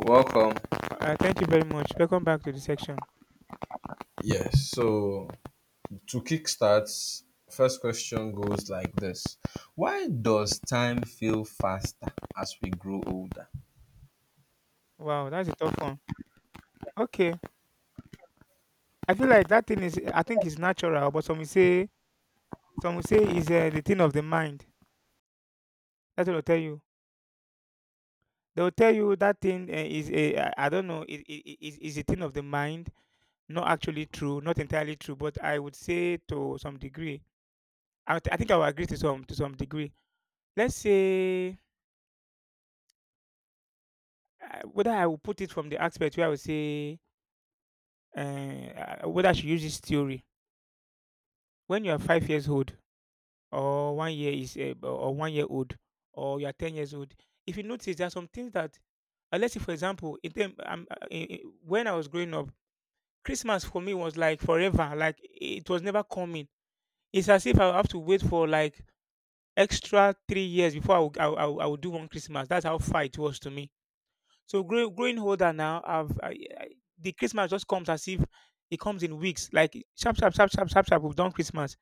Welcome. Thank you very much. Welcome back to the section. Yes. So to kickstart, first question goes like this: Why does time feel faster as we grow older? Wow, that's a tough one. Okay, I feel like that thing is. I think it's natural, but some will say is the thing of the mind. That's what I'll tell you. They'll tell you that thing is a I don't know, is a thing of the mind. Not actually true, not entirely true, but I would say to some degree. I think I will agree to some degree. Let's say, whether I will put it from the aspect where I will say, whether I should use this theory. When you are 5 years old, or 1 year is or 1 year old, or you are 10 years old, if you notice there are some things that, let's say for example, in term, when I was growing up, Christmas for me was like forever, like it was never coming. It's as if I have to wait for like extra 3 years before I would do one Christmas. That's how far it was to me. So, growing older now, I, the Christmas just comes as if it comes in weeks, like sharp sharp sharp sharp sharp sharp, we've done Christmas.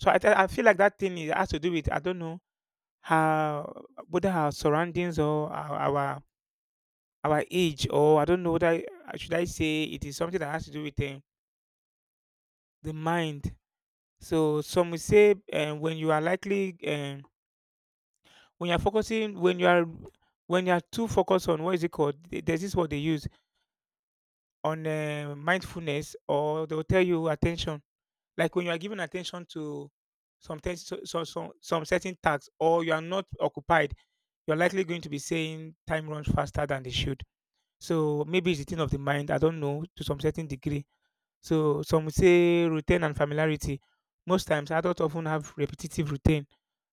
So I feel like that thing is, has to do with, I don't know, her whether her surroundings or our age, or I don't know, should I say it is something that has to do with the mind. So some will say, when you are likely, when you are focusing, when you are too focused on, what is it called? There's this word they use on, mindfulness, or they will tell you attention. Like when you are giving attention to some things, some certain tasks, or you are not occupied, you're likely going to be saying time runs faster than they should. So maybe it's the thing of the mind. I don't know, to some certain degree. So some would say routine and familiarity. Most times, adults often have repetitive routine.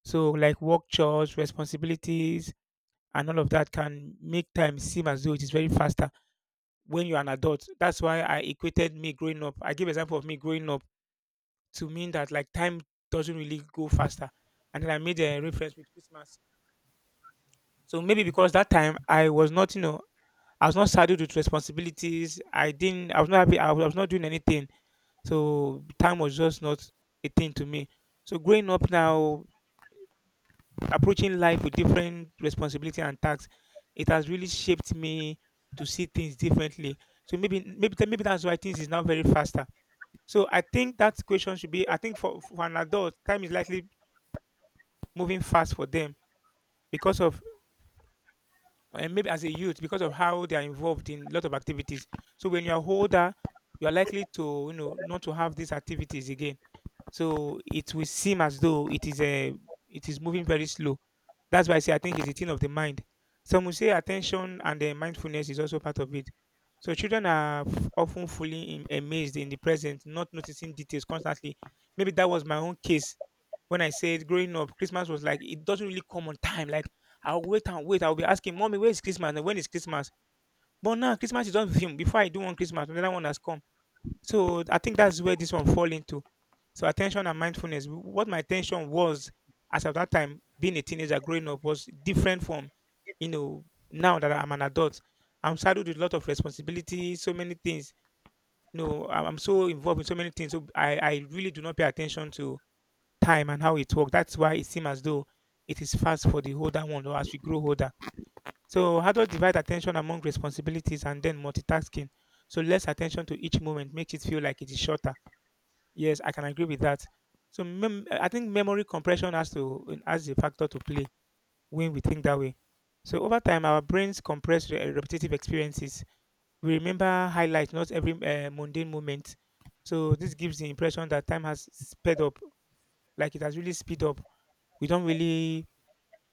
So like work, chores, responsibilities, and all of that can make time seem as though it is very faster when you're an adult. That's why I equated me growing up. I give example of me growing up to mean that, like, time doesn't really go faster. And then I made a reference with Christmas. So maybe because that time I was not, I was not saddled with responsibilities. I didn't. I was not happy. I was not doing anything. So time was just not a thing to me. So growing up now, approaching life with different responsibility and tasks, it has really shaped me to see things differently. So maybe that's why things is now very faster. So I think that question should be. I think for an adult, time is likely moving fast for them because of, and maybe as a youth because of how they are involved in a lot of activities. So when you are older, you are likely to not to have these activities again. So it will seem as though it is moving very slow. That's why I say I think it's a thing of the mind. Some will say attention and then mindfulness is also part of it. So children are often fully in, amazed in the present, not noticing details constantly. Maybe that was my own case when I said, growing up, Christmas was like, it doesn't really come on time. Like, I'll wait and wait. I'll be asking mommy, where is Christmas? And when is Christmas? But now Christmas is on film. Before I do one Christmas, another one has come. So I think that's where this one fall into. So attention and mindfulness. What my attention was, as at that time, being a teenager growing up, was different from, now that I'm an adult. I'm saddled with a lot of responsibility, so many things. I'm so involved in so many things. So I really do not pay attention to time and how it works. That's why it seems as though it is fast for the older one or as we grow older. So how do I divide attention among responsibilities and then multitasking? So less attention to each moment makes it feel like it is shorter. Yes, I can agree with that. So I think memory compression has a factor to play when we think that way. So over time, our brains compress repetitive experiences. We remember highlights, not every mundane moment. So this gives the impression that time has sped up, like it has really speed up. We don't really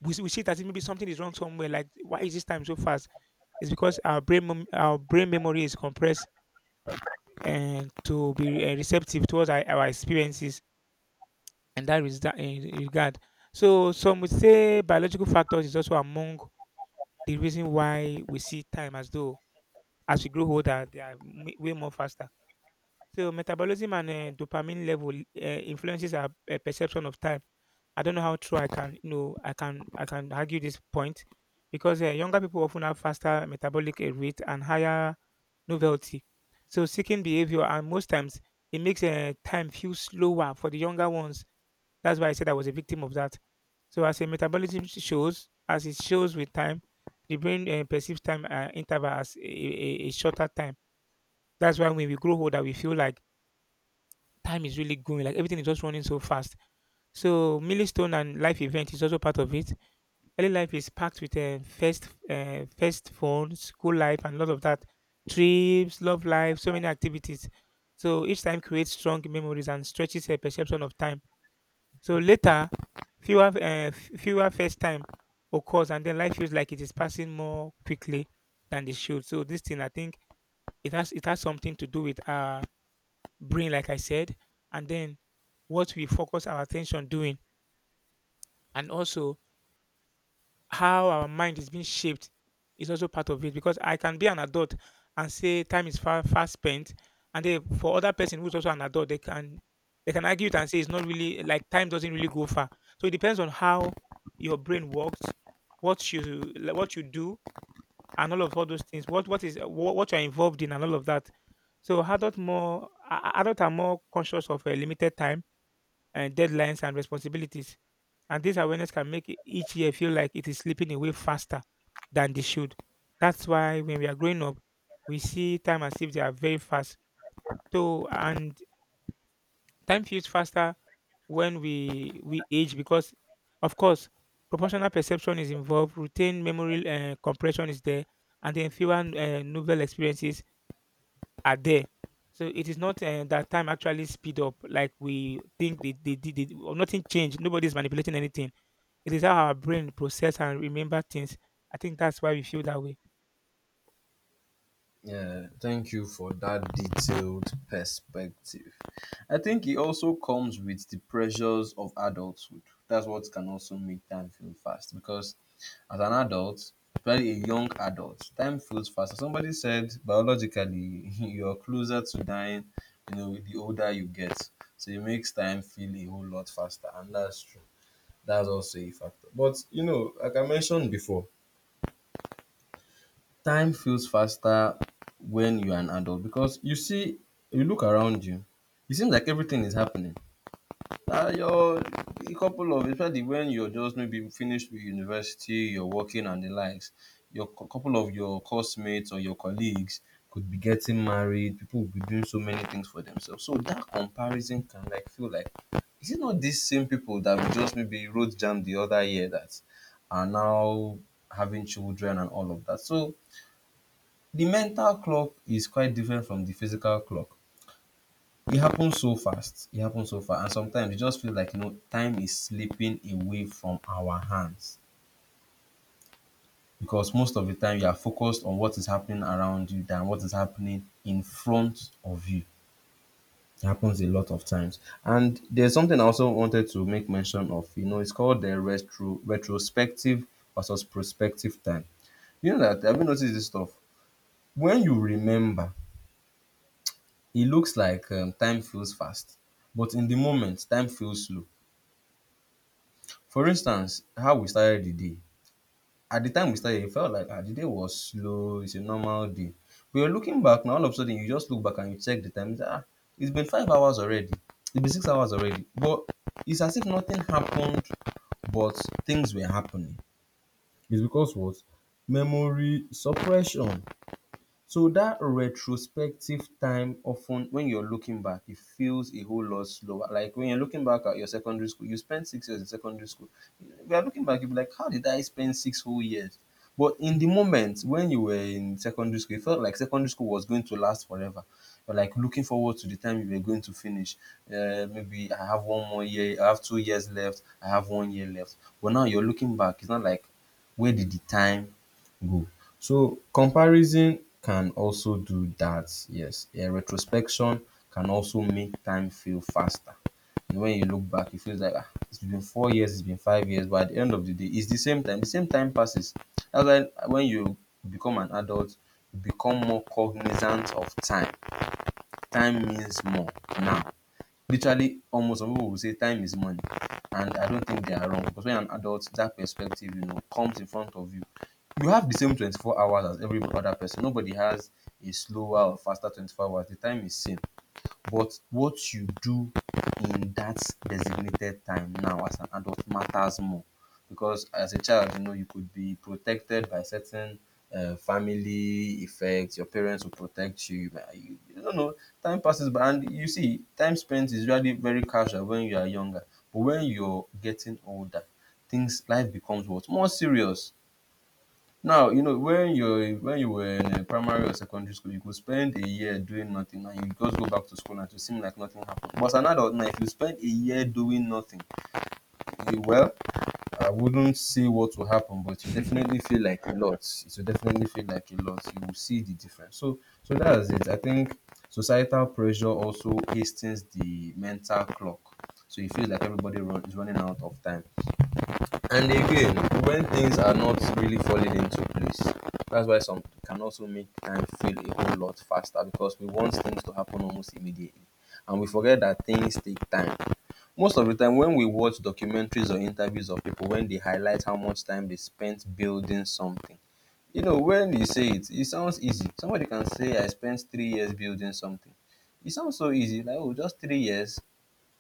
we, s- We see that maybe something is wrong somewhere. Like, why is this time so fast? It's because our brain memory is compressed and to be receptive towards our experiences, in that res that in regard. So some would say biological factors is also among the reason why we see time, as though as we grow older, they are way more faster. So metabolism and dopamine level uh, influences our perception of time. I don't know how true I can argue this point because younger people often have faster metabolic rate and higher novelty. So seeking behavior, and most times it makes time feel slower for the younger ones. That's why I said I was a victim of that. So as a metabolism shows, as it shows with time, the brain perceives time interval as a shorter time. That's why when we grow older, we feel like time is really going, like everything is just running so fast. So milestone and life event is also part of it. Early life is packed with first phone, school life, and a lot of that. Trips, love life, so many activities. So each time creates strong memories and stretches a perception of time. So later, fewer uh, fewer first time occurs, and then life feels like it is passing more quickly than it should. So this thing, I think it has something to do with our brain, like I said, and then what we focus our attention doing, and also how our mind is being shaped is also part of it, because I can be an adult and say time is far fast spent, and then for other person who's also an adult, they can argue it and say it's not really, like, time doesn't really go far. So it depends on how your brain works, what you like, what you do, and all those things. What you're involved in and all of that. So adult are more conscious of a limited time and deadlines and responsibilities. And this awareness can make each year feel like it is slipping away faster than they should. That's why when we are growing up, we see time as if they are very fast. So and Time feels faster when we age because, of course, proportional perception is involved, routine memory compression is there, and then fewer novel experiences are there. So it is not that time actually speed up like we think they did. Or nothing changed. Nobody's manipulating anything, it is how our brain process and remember things. I think that's why we feel that way. Yeah, thank you for that detailed perspective. I think it also comes with the pressures of adulthood. That's what can also make time feel fast because as an adult, especially a young adult, time feels faster. Somebody said biologically you're closer to dying, you know, the older you get. So it makes time feel a whole lot faster. And that's true. That's also a factor. But you know, like I mentioned before, time feels faster when you're an adult because you see, you look around you, it seems like everything is happening. You're a couple of, especially when you're just maybe finished with university, you're working and the likes, your couple of your classmates or your colleagues could be getting married, people will be doing so many things for themselves. So that comparison can like feel like, is it not these same people that we just maybe road jammed the other year that are now having children and all of that? So the mental clock is quite different from the physical clock. It happens so fast. It happens so fast. And sometimes it just feels like, you know, time is slipping away from our hands. Because most of the time you are focused on what is happening around you than what is happening in front of you. It happens a lot of times. And there's something I also wanted to make mention of. You know, it's called the retrospective versus prospective time. You know that, have you noticed this stuff? When you remember, it looks like time feels fast, but in the moment time feels slow. For instance, how we started the day. At the time we started, it felt like, ah, the day was slow, it's a normal day. But you're looking back now, all of a sudden you just look back and you check the time, you, ah, it's been 5 hours already, it's been 6 hours already, but it's as if nothing happened, but things were happening. It's because what? Memory suppression. So that retrospective time, often when you're looking back, it feels a whole lot slower. Like when you're looking back at your secondary school, you spent 6 years in secondary school. If you're looking back, you'll be like, how did I spend six whole years? But in the moment when you were in secondary school, it felt like secondary school was going to last forever. You're like looking forward to the time you were going to finish. Maybe I have one more year, I have 2 years left, I have one year left. But now you're looking back, it's not like, where did the time go? So comparison can also do that, yes. Retrospection can also make time feel faster. And when you look back, you feel like, ah, it's been 4 years, it's been 5 years, but at the end of the day, it's the same time. The same time passes. That's why when you become an adult, you become more cognizant of time. Time means more now. Literally, omo, some people will say time is money, and I don't think they are wrong, because when you're an adult that perspective, you know, comes in front of you. You have the same 24 hours as every other person. Nobody has a slower or faster 24 hours. The time is same, but what you do in that designated time now as an adult matters more. Because as a child, you know, you could be protected by certain family effects. Your parents will protect you. But you don't know. Time passes by, and you see, time spent is really very casual when you are younger. But when you're getting older, things, life becomes what, more serious. Now, you know, when you were in primary or secondary school, you could spend a year doing nothing and you just go back to school and it will seem like nothing happened. But as an adult now, if you spend a year doing nothing, you, well, I wouldn't say what will happen, but it will definitely feel like a lot. It will definitely feel like a lot. You will see the difference. So that's it. I think societal pressure also hastens the mental clock. So you feel like is running out of time. And again, when things are not really falling into place, that's why some can also make time feel a whole lot faster, because we want things to happen almost immediately. And we forget that things take time. Most of the time, when we watch documentaries or interviews of people, when they highlight how much time they spent building something, you know, when you say it, it sounds easy. Somebody can say, I spent 3 years building something. It sounds so easy, like, oh, just 3 years.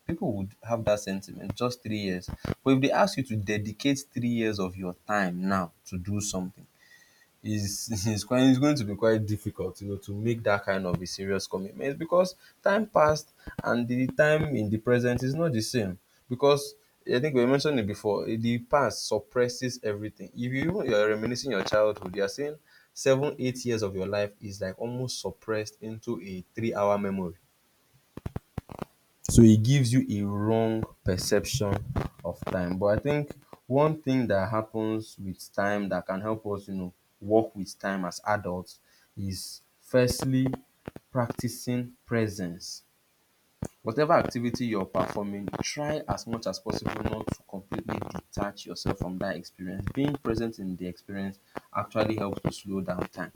People would have that sentiment, just 3 years. But if they ask you to dedicate 3 years of your time now to do something, is is quite, it's going to be quite difficult, you know, to make that kind of a serious commitment. It's because time passed, and the time in the present is not the same, because I think we mentioned it before. The past suppresses everything. If you even you're reminiscing your childhood, you're saying 7, 8 years of your life is like almost suppressed into a 3-hour memory. So it gives you a wrong perception of time. But I think one thing that happens with time that can help us, you know, work with time as adults is, firstly, practicing presence. Whatever activity you're performing, try as much as possible not to completely detach yourself from that experience. Being present in the experience actually helps to slow down time.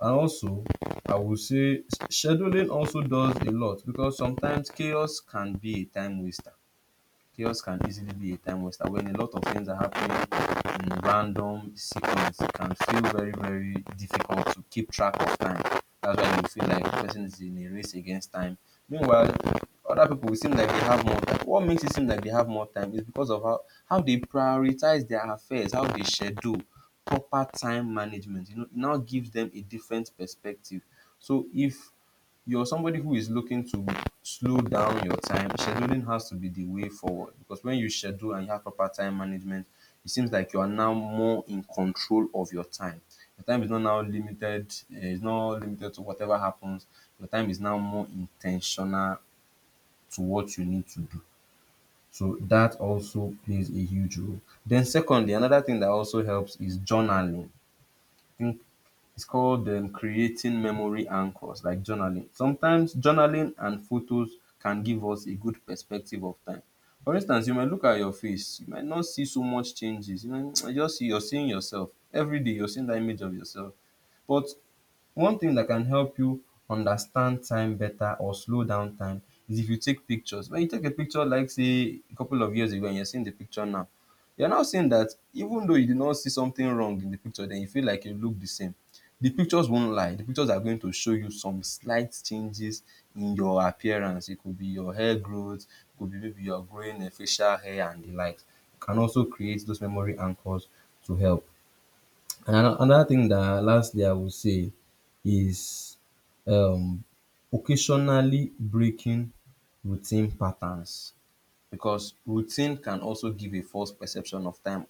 And also, I would say scheduling also does a lot, because sometimes chaos can be a time waster. Chaos can easily be a time waster when a lot of things are happening in random sequence. It can feel very, very difficult to keep track of time. That's why you feel like the person is in a race against time. Meanwhile, other people will seem like they have more time. What makes it seem like they have more time is because of how they prioritize their affairs, how they schedule, proper time management. You know, it now gives them a different perspective. So if you're somebody who is looking to slow down your time, scheduling has to be the way forward. Because when you schedule and you have proper time management, it seems like you are now more in control of your time. Your time is not now limited, it's not limited to whatever happens. Your time is now more intentional to what you need to do. So that also plays a huge role. Then, secondly, another thing that also helps is journaling. I think it's called creating memory anchors, like journaling. Sometimes journaling and photos can give us a good perspective of time. For instance, you might look at your face, you might not see so much changes. You might you just see, you're seeing yourself every day. You're seeing that image of yourself, but one thing that can help you understand time better or slow down time is if you take pictures. When you take a picture, like say a couple of years ago, and you're seeing the picture now, you're now seeing that, even though you did not see something wrong in the picture, then you feel like you look the same. The pictures won't lie. The pictures are going to show you some slight changes in your appearance. It could be your hair growth, it could be maybe you're growing a facial hair and the likes. You can also create those memory anchors to help. And another thing that lastly I would say is um, occasionally breaking routine patterns, because routine can also give a false perception of time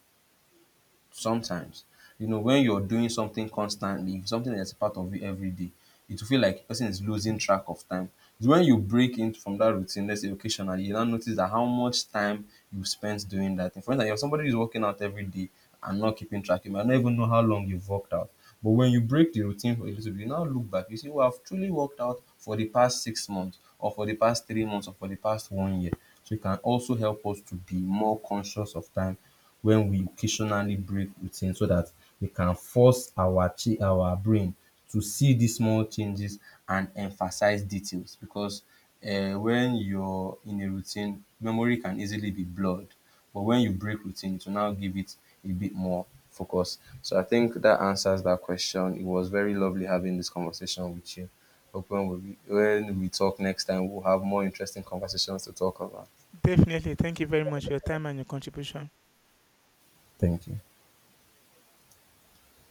sometimes. You know, when you're doing something constantly, something that's a part of you every day, it will feel like the person is losing track of time. It's when you break in from that routine, let's say occasionally, you now notice that how much time you spent doing that thing. For instance, if somebody is working out every day and not keeping track, you might not even know how long you've worked out. But when you break the routine for a little bit, you now look back, you see, well, I've truly worked out for the past 6 months, or for the past 3 months, or for the past one year. So it can also help us to be more conscious of time when we occasionally break routine, so that we can force our our brain to see these small changes and emphasize details, because when you're in a routine, memory can easily be blurred. But when you break routine, it will now give it a bit more focus. So I think that answers that question. It was very lovely having this conversation with you. Hope when when we talk next time, we'll have more interesting conversations to talk about. Definitely. Thank you very much for your time and your contribution. Thank you.